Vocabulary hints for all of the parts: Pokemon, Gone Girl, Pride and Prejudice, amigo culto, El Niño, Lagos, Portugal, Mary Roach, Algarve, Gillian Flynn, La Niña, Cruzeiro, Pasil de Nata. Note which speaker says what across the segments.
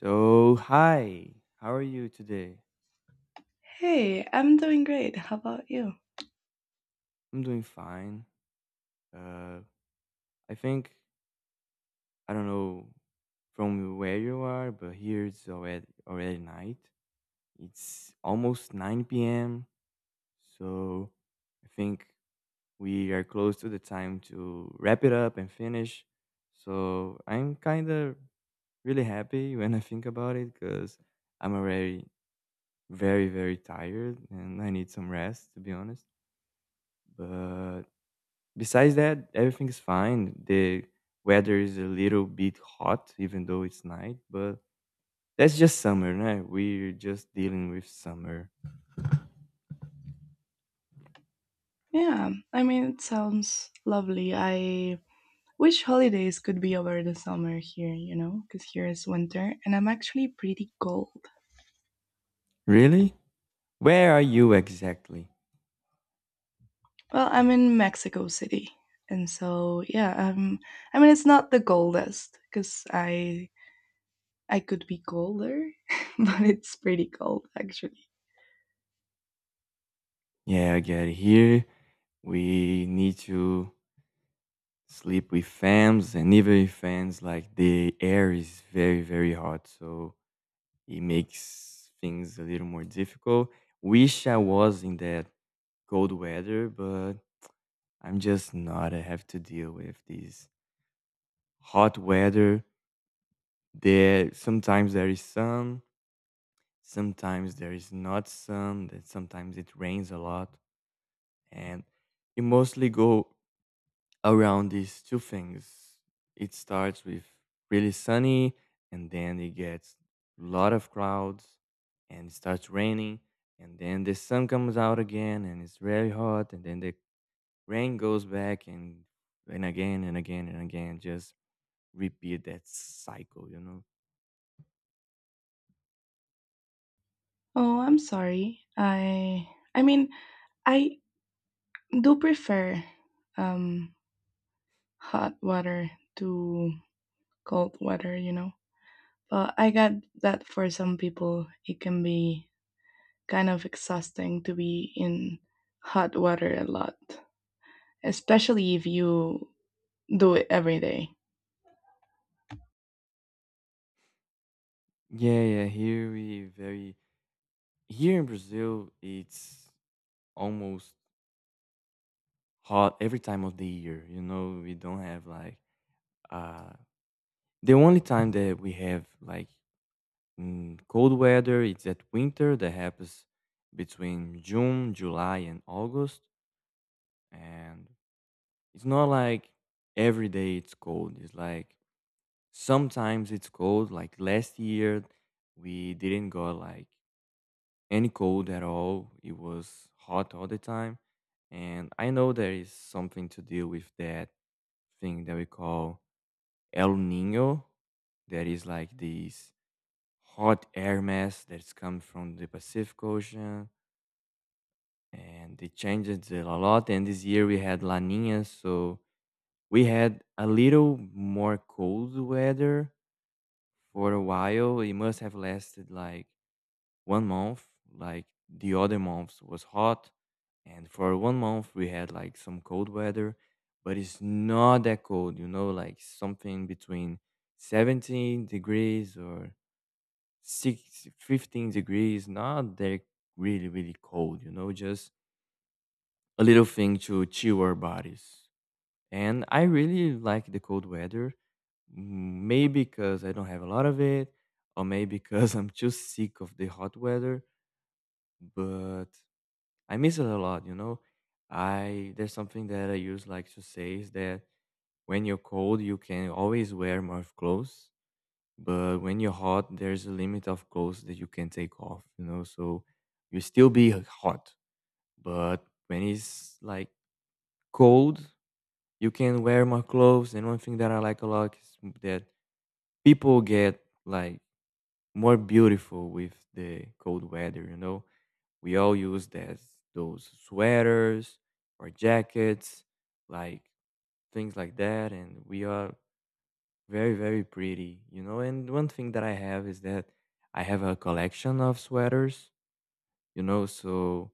Speaker 1: So, hi, how are you today?
Speaker 2: Hey, I'm doing great. How about you?
Speaker 1: I'm doing fine. Uh, I think I don't know from where you are, but here it's already night. It's almost 9 p.m. So, I think we are close to the time to wrap it up and finish. So, I'm kind of really happy when I think about it because I'm already very very tired and I need some rest, to be honest. But besides that, everything is fine. The weather is a little bit hot, even though it's night, but that's just summer, right? We're just dealing with summer.
Speaker 2: Yeah, I mean, it sounds lovely. I wish holidays could be over the summer here, you know, because here is winter and I'm actually pretty cold.
Speaker 1: Really? Where are you exactly?
Speaker 2: Well, I'm in Mexico City. And so, yeah, I mean, it's not the coldest because I could be colder, but it's pretty cold actually.
Speaker 1: Yeah, I get it. Here, we need to sleep with fans, and even with fans, like the air is very, very hot, so it makes things a little more difficult. Wish I was in that cold weather, but I'm just not. I have to deal with these hot weather. There Sometimes there is sun, sometimes there is not sun. Then sometimes it rains a lot, and you mostly go around these two things. It starts with really sunny, and then it gets a lot of clouds, and it starts raining, and then the sun comes out again, and it's very hot, and then the rain goes back and again and again and again, just repeat that cycle, you know?
Speaker 2: Oh, I'm sorry. I mean, I do prefer um hot water to cold water, you know. But I get that for some people, it can be kind of exhausting to be in hot water a lot, especially if you do it every day.
Speaker 1: Yeah, yeah. Here we very Here in Brazil, it's almost hot every time of the year. You know, we don't have like uh the only time that we have like cold weather. It's at winter that happens between June, July, and August, and it's not like every day it's cold. It's like sometimes it's cold. Like last year, we didn't go like any cold at all. It was hot all the time. And I know there is something to deal with that thing that we call El Nino. That is like this hot air mass that's come from the Pacific Ocean. And it changes it a lot. And this year we had La Nina. So we had a little more cold weather for a while. It must have lasted like one month, like the other months was hot, and for one month we had like some cold weather, but it's not that cold, you know, like something between 17 degrees or 6, 15 degrees Not that really really cold, you know. Just a little thing to chill our bodies. And I really like the cold weather. Maybe because I don't have a lot of it, or maybe because I'm too sick of the hot weather. But I miss it a lot, you know. I There's something that I use like to say is that when you're cold, you can always wear more clothes, but when you're hot, there's a limit of clothes that you can take off, you know. So you still be like, hot, but when it's like cold, you can wear more clothes. And one thing that I like a lot is that people get like more beautiful with the cold weather, you know. We all use that those sweaters or jackets, like things like that, and we are very, very pretty, you know. And one thing that I have is that I have a collection of sweaters, you know, so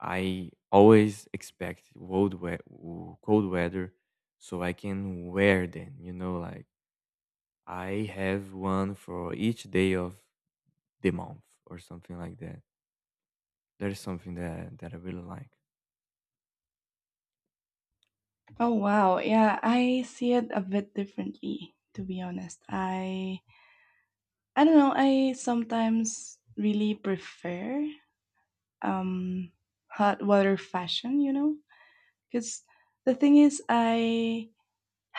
Speaker 1: I always expect cold, cold weather so I can wear them, you know, like I have one for each day of the month or something like that. That is something that I really like.
Speaker 2: Oh wow. Yeah, I see it a bit differently to be honest. I don't know, I sometimes really prefer um hot water fashion, you know? Cuz the thing is I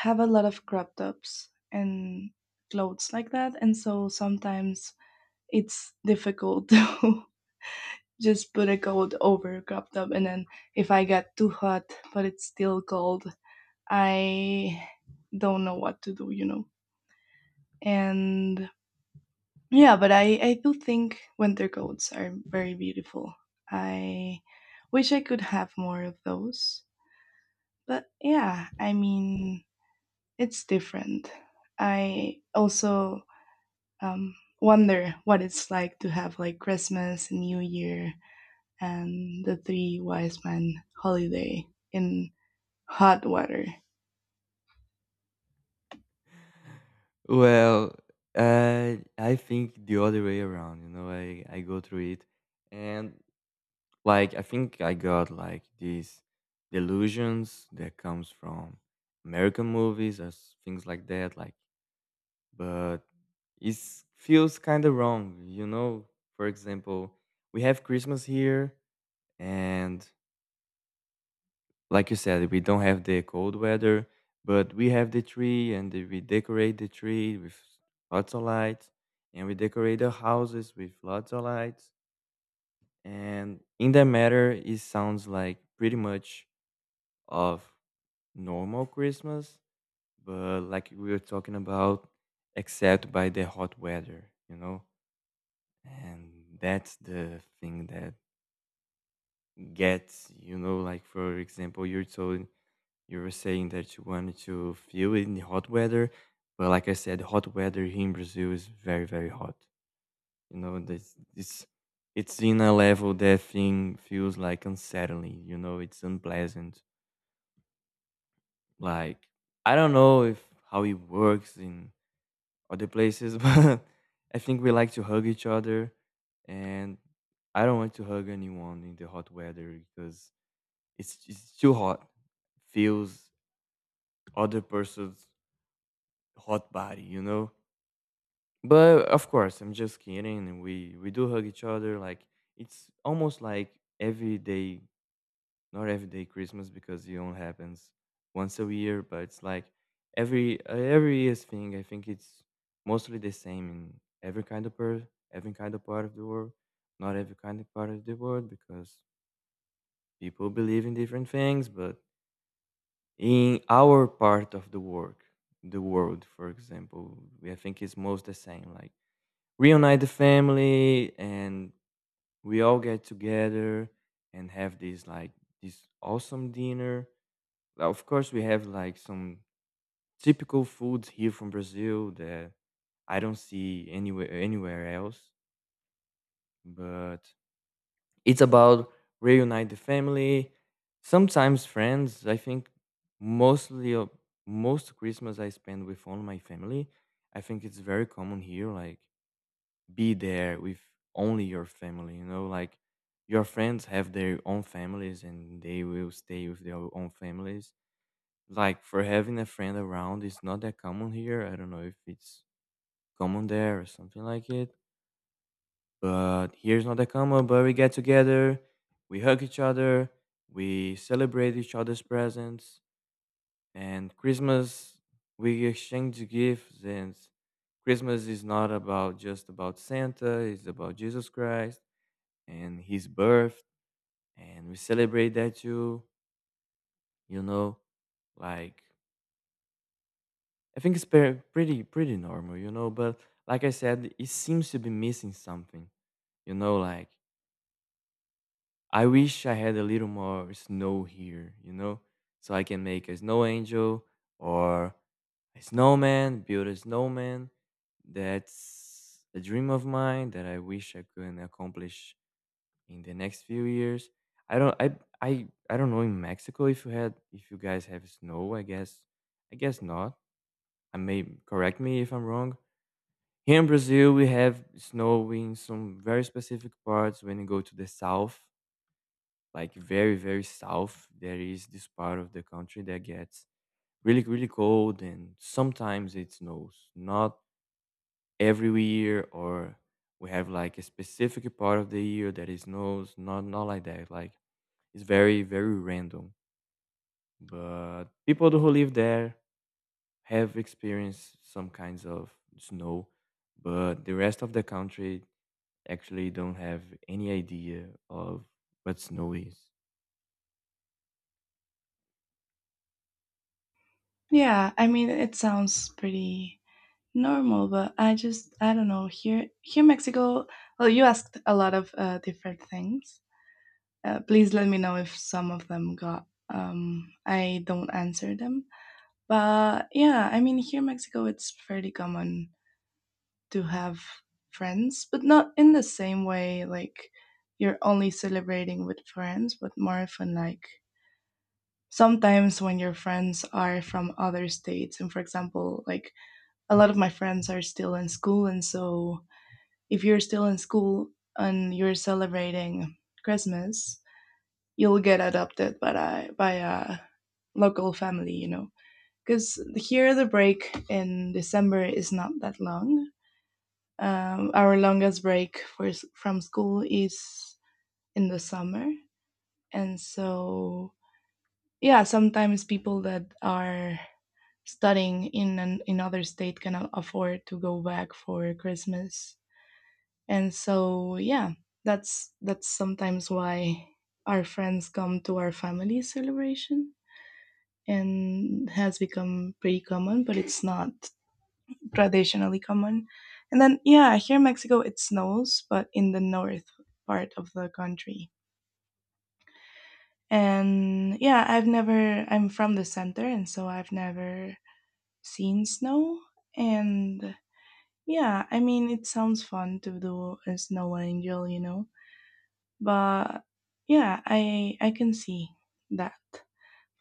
Speaker 2: have a lot of crop tops and clothes like that and so sometimes it's difficult to just put a coat over a crop top, and then if I get too hot but it's still cold, I don't know what to do, you know. And yeah, but I do think winter coats are very beautiful. I wish I could have more of those, but yeah, I mean, it's different. I also um wonder what it's like to have like Christmas and New Year and the Three Wise Men holiday in hot water.
Speaker 1: Well, I think the other way around. You know, I go through it, and like I think I got like these delusions that comes from American movies or things like that. Like, but it feels kind of wrong. You know, for example, we have Christmas here, and like you said, we don't have the cold weather, but we have the tree and we decorate the tree with lots of lights and we decorate the houses with lots of lights. And in that matter, it sounds like pretty much of normal Christmas, but like we were talking about, except by the hot weather, you know? And that's the thing that gets, you know, like for example, you were saying that you wanted to feel it in the hot weather, but like I said, hot weather here in Brazil is very, very hot. You know, this it's in a level that thing feels like unsettling. You know, it's unpleasant. Like I don't know if how it works in other places, but I think we like to hug each other, and I don't want to hug anyone in the hot weather because it's too hot. Feels other person's hot body, you know? But of course, I'm just kidding. We do hug each other. Like it's almost like every day, not every day Christmas because it only happens once a year. But it's like every year's thing. I think it's mostly the same in every kind of per every kind of part of the world. Not every kind of part of the world because people believe in different things. But in our part of the world, for example, we I think it's most the same. Like reunite the family and we all get together and have this like this awesome dinner. Well, of course we have like some typical foods here from Brazil that I don't see anywhere else, but it's about reunite the family, sometimes friends. I think mostly of- most Christmas I spend with all my family. I think it's very common here, like be there with only your family, you know, like your friends have their own families and they will stay with their own families. Like for having a friend around is not that common here. I don't know if it's common there or something like it, but here's not that common. But we get together, we hug each other, we celebrate each other's presents, and Christmas we exchange gifts. And Christmas is not about just about Santa, it's about Jesus Christ and his birth, and we celebrate that too, you know. Like I think it's pretty normal, you know, but like I said, it seems to be missing something, you know. Like I wish I had a little more snow here, you know, so I can make a snow angel, or a snowman build a snowman. That's a dream of mine that I wish I could accomplish in the next few years. I don't know in Mexico if you had if you guys have snow, I guess. I guess not. I may Correct me if I'm wrong. Here in Brazil we have snow in some very specific parts when you go to the south, like very, very south, there is this part of the country that gets really, really cold and sometimes it snows. Not every year, or we have like a specific part of the year that it snows, not like that. Like it's very, very random. But people who live there have experienced some kinds of snow, but the rest of the country actually don't have any idea of what snow is.
Speaker 2: Yeah, I mean, it sounds pretty normal, but I just, I don't know, here, here in Mexico, well, you asked a lot of different things. Please let me know if some of them got I don't answer them. But yeah, I mean, here in Mexico it's fairly common to have friends but not in the same way, like you're only celebrating with friends, but more often like sometimes when your friends are from other states, and for example, like a lot of my friends are still in school, and so if you're still in school and you're celebrating Christmas, you'll get adopted by a local family, you know. Because here the break in December is not that long. Our longest break from school is in the summer. And so, yeah, sometimes people that are studying in in other state cannot afford to go back for Christmas, and so yeah, that's sometimes why our friends come to our family celebration, and has become pretty common, but it's not traditionally common. And then yeah, here in Mexico it snows, but in the north part of the country. And yeah, I've never, I'm from the center, and so I've never seen snow. And yeah, I mean, it sounds fun to do a snow angel, you know. But yeah, I can see that.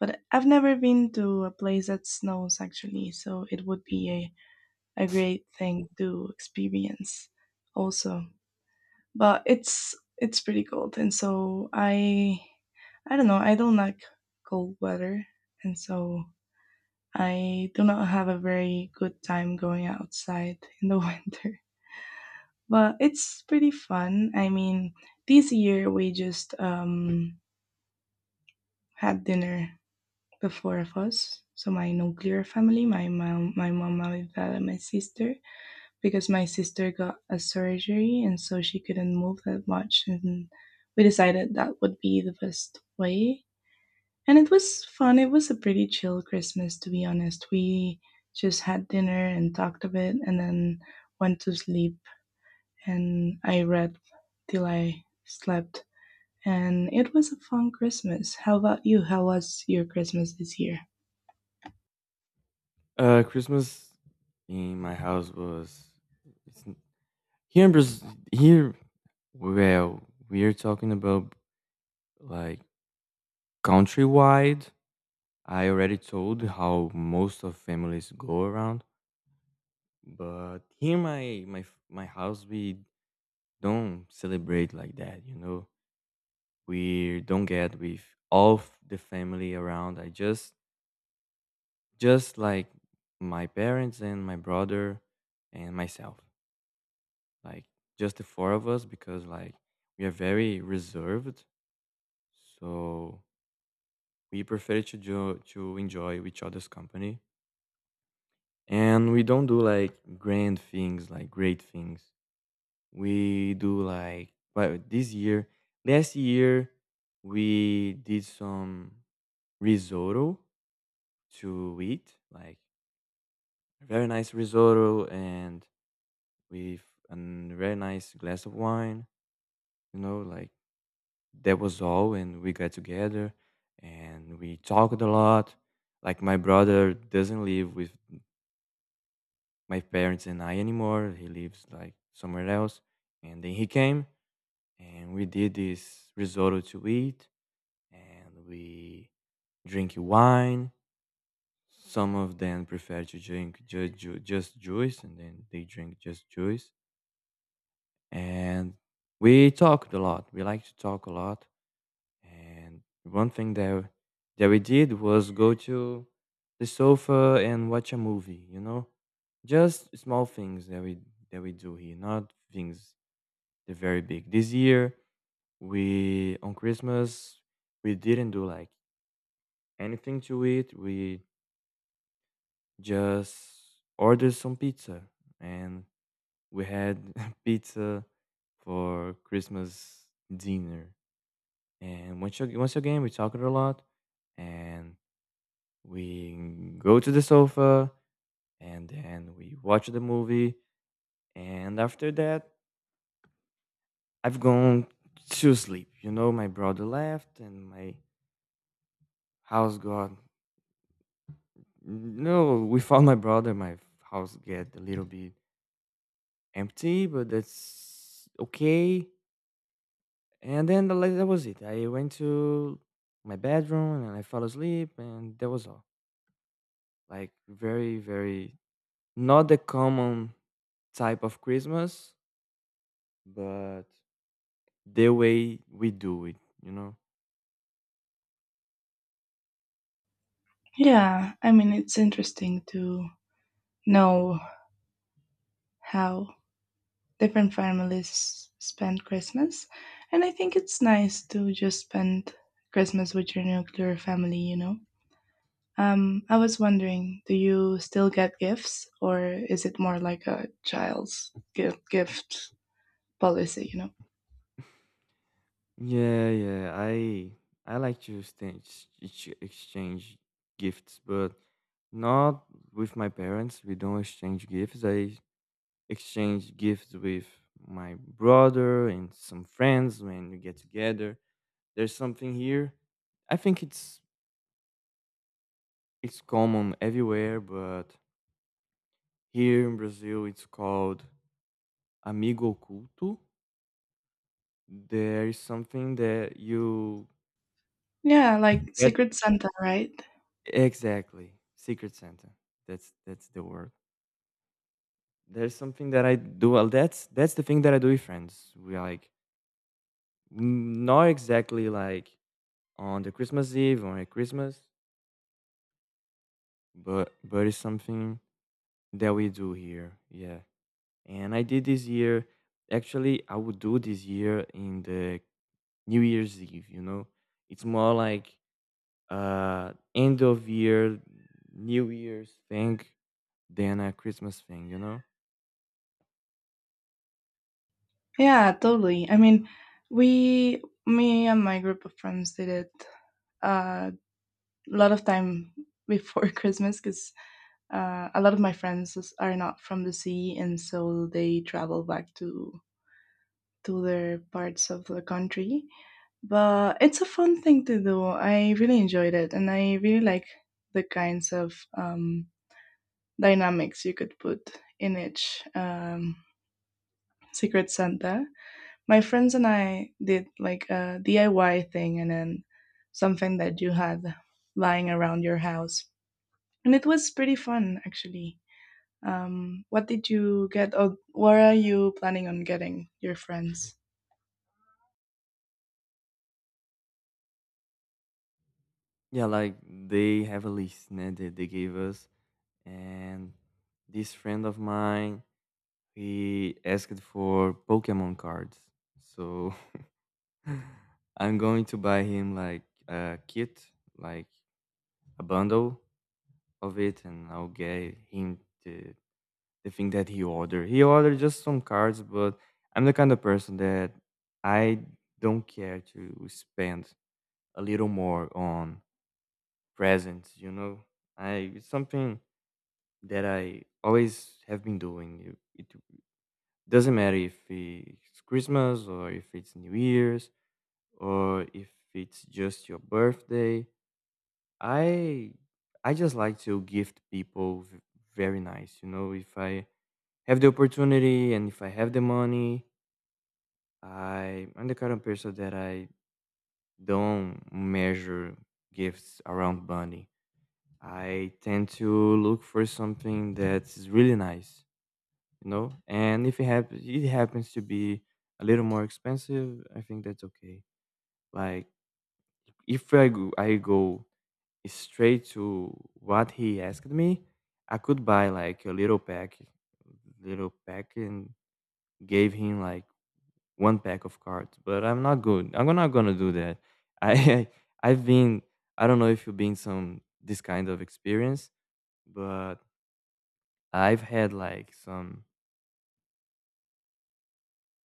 Speaker 2: But I've never been to a place that snows actually, so it would be a great thing to experience also. But it's pretty cold, and so I don't know, I don't like cold weather, and so I do not have a very good time going outside in the winter. But it's pretty fun. I mean, this year we just had dinner, the four of us. So my nuclear family, my mom, my dad, and my sister, because my sister got a surgery and so she couldn't move that much, and we decided that would be the best way. And it was fun. It was a pretty chill Christmas, to be honest. We just had dinner and talked a bit, and then went to sleep. And I read till I slept, and it was a fun Christmas. How about you? How was your Christmas this year?
Speaker 1: Christmas in my house. Was it's, n- here. In Braz- Here, well, we're talking about like countrywide. I already told how most of families go around. But here my my house, we don't celebrate like that, you know. We don't get with all the family around. I just like my parents and my brother and myself. Like just the four of us because like we are very reserved. So we prefer to enjoy each other's company, and we don't do like grand things, like great things we do like, but this year last year we did some risotto to eat, like a very nice risotto, and with a very nice glass of wine, you know, like that was all, and we got together and we talked a lot. Like my brother doesn't live with my parents and I anymore, he lives like somewhere else, and then he came, and we did this risotto to eat, and we drink wine. Some of them prefer to drink just juice, and then they drink just juice. And we talked a lot. We like to talk a lot. And one thing that we did was go to the sofa and watch a movie. You know, just small things that we do here, not things they very big. This year, we on Christmas we didn't do like anything to it. We just ordered some pizza and we had pizza for Christmas dinner. And once again, we talked a lot, and we go to the sofa, and then we watch the movie. And after that, I've gone to sleep. You know, my brother left, and my house got no. We found my brother. My house get a little bit empty, but that's okay. And then that was it. I went to my bedroom and I fell asleep, and that was all. Like very, very not the common type of Christmas, but the way we do it, you know.
Speaker 2: Yeah, I mean, it's interesting to know how different families spend Christmas. And I think it's nice to just spend Christmas with your nuclear family, you know? I was wondering, do you still get gifts, or is it more like a child's gift policy, you know.
Speaker 1: Yeah, yeah. I like to exchange exchange gifts, but not with my parents. We don't exchange gifts. I exchange gifts with my brother and some friends when we get together. There's something here. I think it's common everywhere, but here in Brazil it's called amigo culto. There is something that you
Speaker 2: Yeah, like
Speaker 1: get,
Speaker 2: Secret Santa, right?
Speaker 1: exactly, secret Santa. That's the word. There's something that I do. Well, that's the thing that I do with friends. We like not exactly like on the Christmas Eve or at Christmas, but it's something that we do here. Yeah. And I did this year. Actually, I would do this year in the New Year's Eve. You know, it's more like end of year, New Year's thing than a Christmas thing. You know?
Speaker 2: Yeah, totally. I mean, we, me and my group of friends did it uh, a lot of time before Christmas because a lot of my friends are not from the sea, and so they travel back to their parts of the country. But it's a fun thing to do. I really enjoyed it, and I really like the kinds of dynamics you could put in each Secret Santa. My friends and I did like a DIY thing, and then something that you had lying around your house, and it was pretty fun actually. What did you get, or what are you planning on getting your friends?
Speaker 1: Yeah, like they have a list né, that they gave us, and this friend of mine, he asked for Pokemon cards, so I'm going to buy him like a kit, like a bundle of it, and I'll get him the thing that he ordered. He ordered just some cards, but I'm the kind of person that I don't care to spend a little more on presents, you know? I, it's something that I always have been doing. It doesn't matter if it's Christmas or if it's New Year's or if it's just your birthday. I I just like to gift people very nice, you know. If I have the opportunity and if I have the money, I'm the kind of person that I don't measure gifts around money. I tend to look for something that's really nice, you know. And if it happens, it happens to be a little more expensive. I think that's okay. Like if I go, I go straight to what he asked me. I could buy like a little pack, and gave him like one pack of cards, but I'm not good. I'm not gonna do that. I I've been, I don't know if you've been some this kind of experience, but I've had like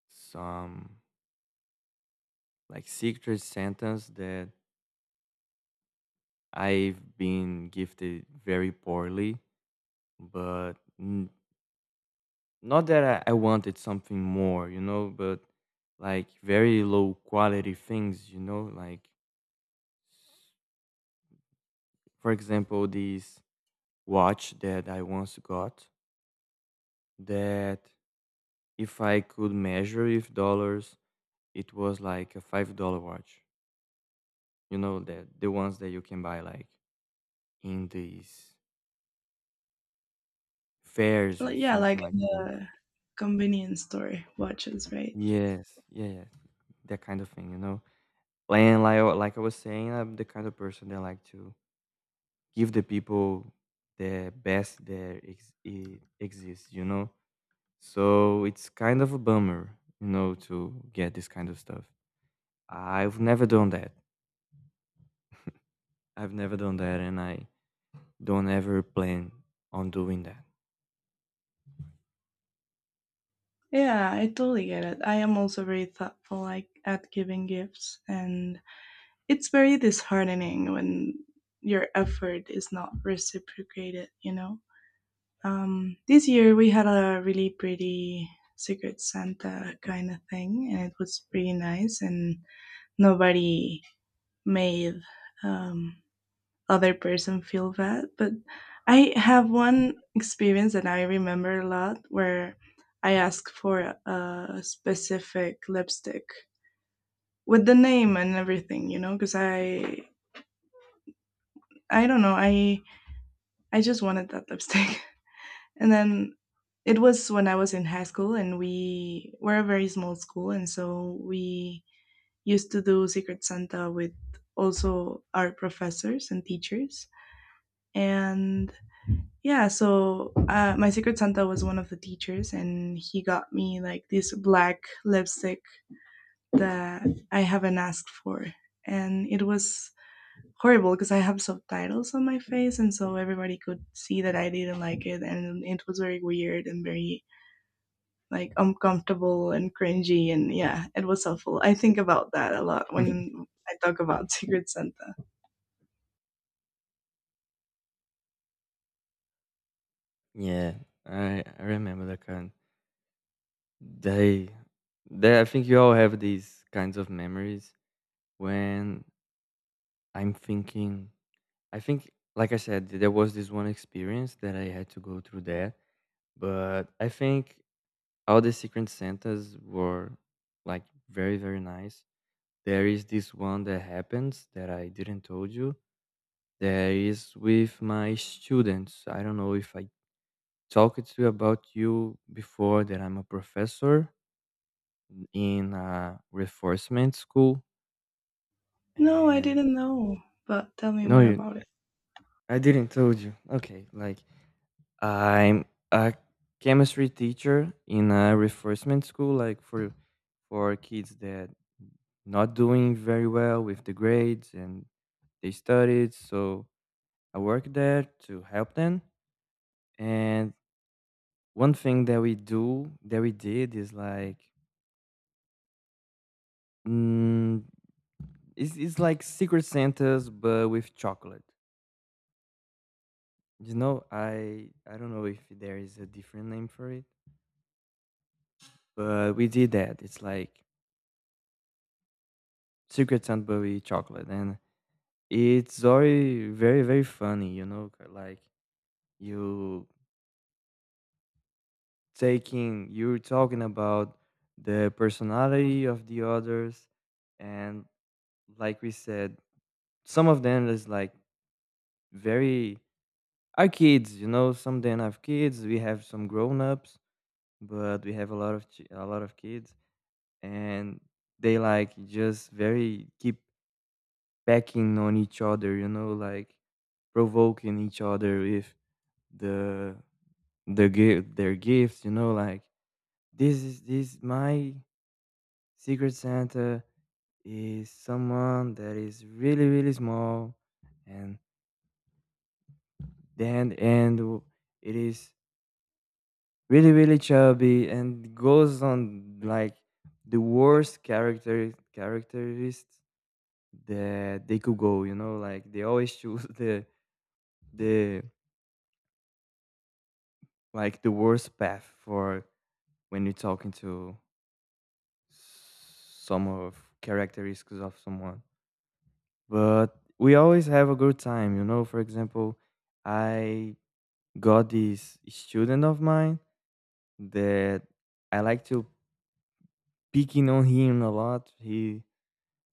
Speaker 1: some like secret sentence that I've been gifted very poorly, but not that I wanted something more, you know, but like very low quality things, you know, like for example, this watch that I once got. That if I could measure with dollars, it was like a $5 watch. You know that the ones that you can buy like in these fairs or
Speaker 2: Like, yeah, like
Speaker 1: something like that.
Speaker 2: the convenience store watches, right?
Speaker 1: Yes, yeah, yeah, that kind of thing. You know, and like I was saying, I'm the kind of person that like to give the people the best that exists. You know, so it's kind of a bummer, you know, to get this kind of stuff. I've never done that. I've never done that, and I don't ever plan on doing that.
Speaker 2: Yeah, I totally get it. I am also very thoughtful like at giving gifts, and it's very disheartening when your effort is not reciprocated, you know. This year we had a really pretty Secret Santa kind of thing, and it was pretty nice and nobody made um other person feel bad. But I have one experience that I remember a lot, where I asked for a specific lipstick with the name and everything, you know, because I don't know, I just wanted that lipstick. And then it was when I was in high school, and we were a very small school, and so we used to do Secret Santa with also our professors and teachers. And yeah, so my Secret Santa was one of the teachers, and he got me like this black lipstick that I haven't asked for. And it was horrible because I have subtitles on my face, and so everybody could see that I didn't like it, and it was very weird and very like uncomfortable and cringy. And yeah, it was helpful. I think about that a lot when I talk about Secret Santa.
Speaker 1: Yeah, I remember that kind. They, they. I think you all have these kinds of memories when I'm thinking. I think, like I said, there was this one experience that I had to go through that, but I think all the Secret Santas were like very very nice. There is this one that happens that I didn't told you. There is with my students. I don't know if I talked to you about you before that I'm a professor in a reinforcement school.
Speaker 2: No, I
Speaker 1: And
Speaker 2: didn't know, but tell me
Speaker 1: no
Speaker 2: more
Speaker 1: you,
Speaker 2: about it.
Speaker 1: I didn't told you. Okay, like I'm a chemistry teacher in a reinforcement school like for kids that not doing very well with the grades, and they studied, so I work there to help them. And one thing that we do that we did is like mm, it's like Secret Santa's but with chocolate. You know, I don't know if there is a different name for it, but we did that. It's like Secret Santa but with chocolate, and it's very very very funny. You know, like you taking you're talking about the personality of the others, and like we said, some of them is like very, are kids. You know, some of them have kids. We have some grown ups, but we have a lot of a lot of kids. And they like just very keep pecking on each other, you know, like provoking each other with the the gift their gifts, you know, like this is this my secret santa is someone that is really really small, and then and w- it is really really chubby and goes on like the worst characteristics that they could go, you know, like they always choose the like the worst path for when you're talking to some of characteristics of someone. But we always have a good time, you know, for example, I got this student of mine that I like to picking on him a lot.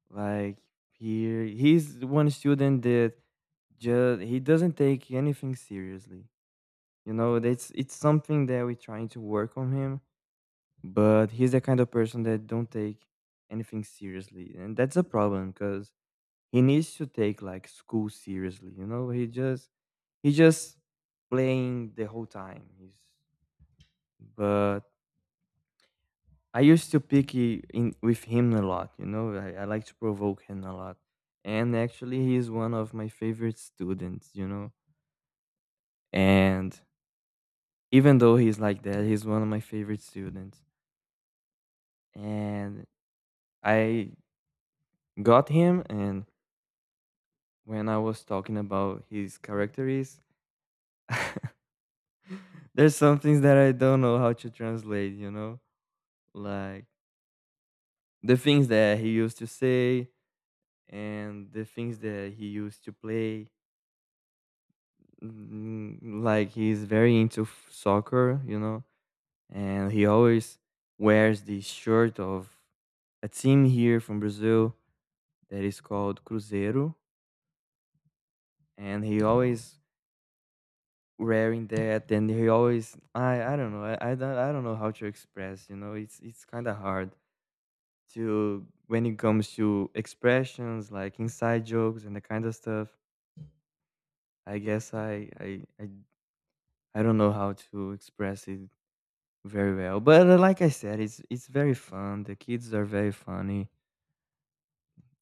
Speaker 1: like he he's one student that just he doesn't take anything seriously. You know, that's it's something that we're trying to work on him, but he's the kind of person that don't take anything seriously, and that's a problem because he needs to take like school seriously. You know, he just playing the whole time. He's but I used to pick in with him a lot. You know, I like to provoke him a lot, and actually, he's one of my favorite students. You know, and even though he's like that, he's one of my favorite students, and I got him. And when I was talking about his characteristics, there's some things that I don't know how to translate, you know? Like the things that he used to say and the things that he used to play. Mm, like he's very into soccer, you know? And he always wears the shirt of a team here from Brazil that is called Cruzeiro. And he, oh, always wearing that, and he always, I don't know how to express, you know, it's kind of hard to when it comes to expressions like inside jokes and the kind of stuff. i guess i i i, I don't know how to express it very well, but like I said, it's very fun. The kids are very funny,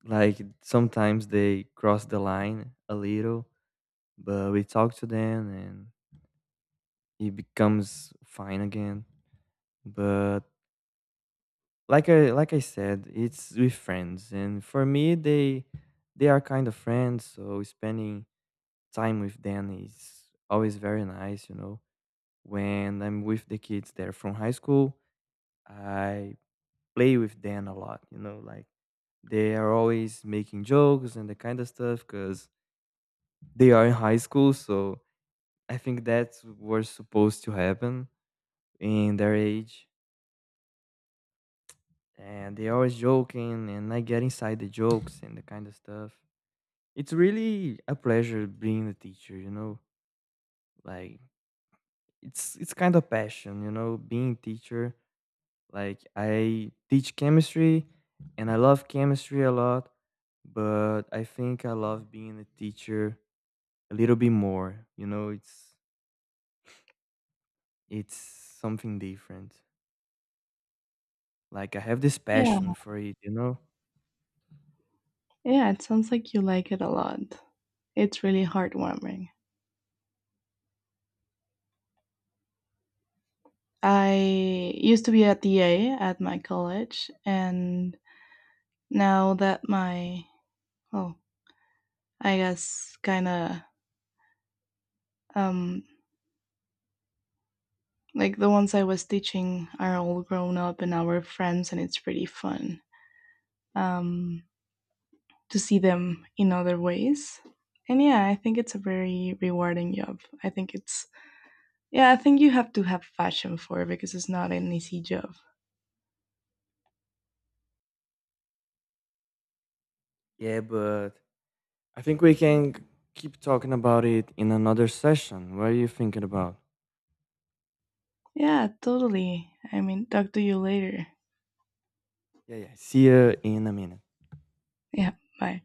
Speaker 1: like sometimes they cross the line a little, but we talk to them and it becomes fine again. But like I said, it's with friends, and for me, they are kind of friends. So spending time with them is always very nice. You know, when I'm with the kids there from high school, I play with them a lot. You know, like they are always making jokes and the kind of stuff because they are in high school. So I think that's what's supposed to happen in their age, and they always joking, and I get inside the jokes and the kind of stuff. It's really a pleasure being a teacher, you know? Like it's kind of passion, you know, being a teacher. Like I teach chemistry and I love chemistry a lot, but I think I love being a teacher a little bit more. You know, it's something different. Like I have this
Speaker 2: Yeah,
Speaker 1: passion for it, you know?
Speaker 2: yeah, it sounds like you like it a lot. It's really heartwarming. I used to be a TA at my college, and now that my, well, I guess kind of um, like the ones I was teaching are all grown up and now we're friends, and it's pretty fun um, to see them in other ways. And yeah, I think it's a very rewarding job. I think it's, yeah, I think you have to have passion for it because it's not an easy job.
Speaker 1: Yeah, but I think we can keep talking about it in another session. What are you thinking about?
Speaker 2: Yeah, totally. I mean, talk to you later.
Speaker 1: Yeah, yeah. See you in a minute.
Speaker 2: Yeah, bye.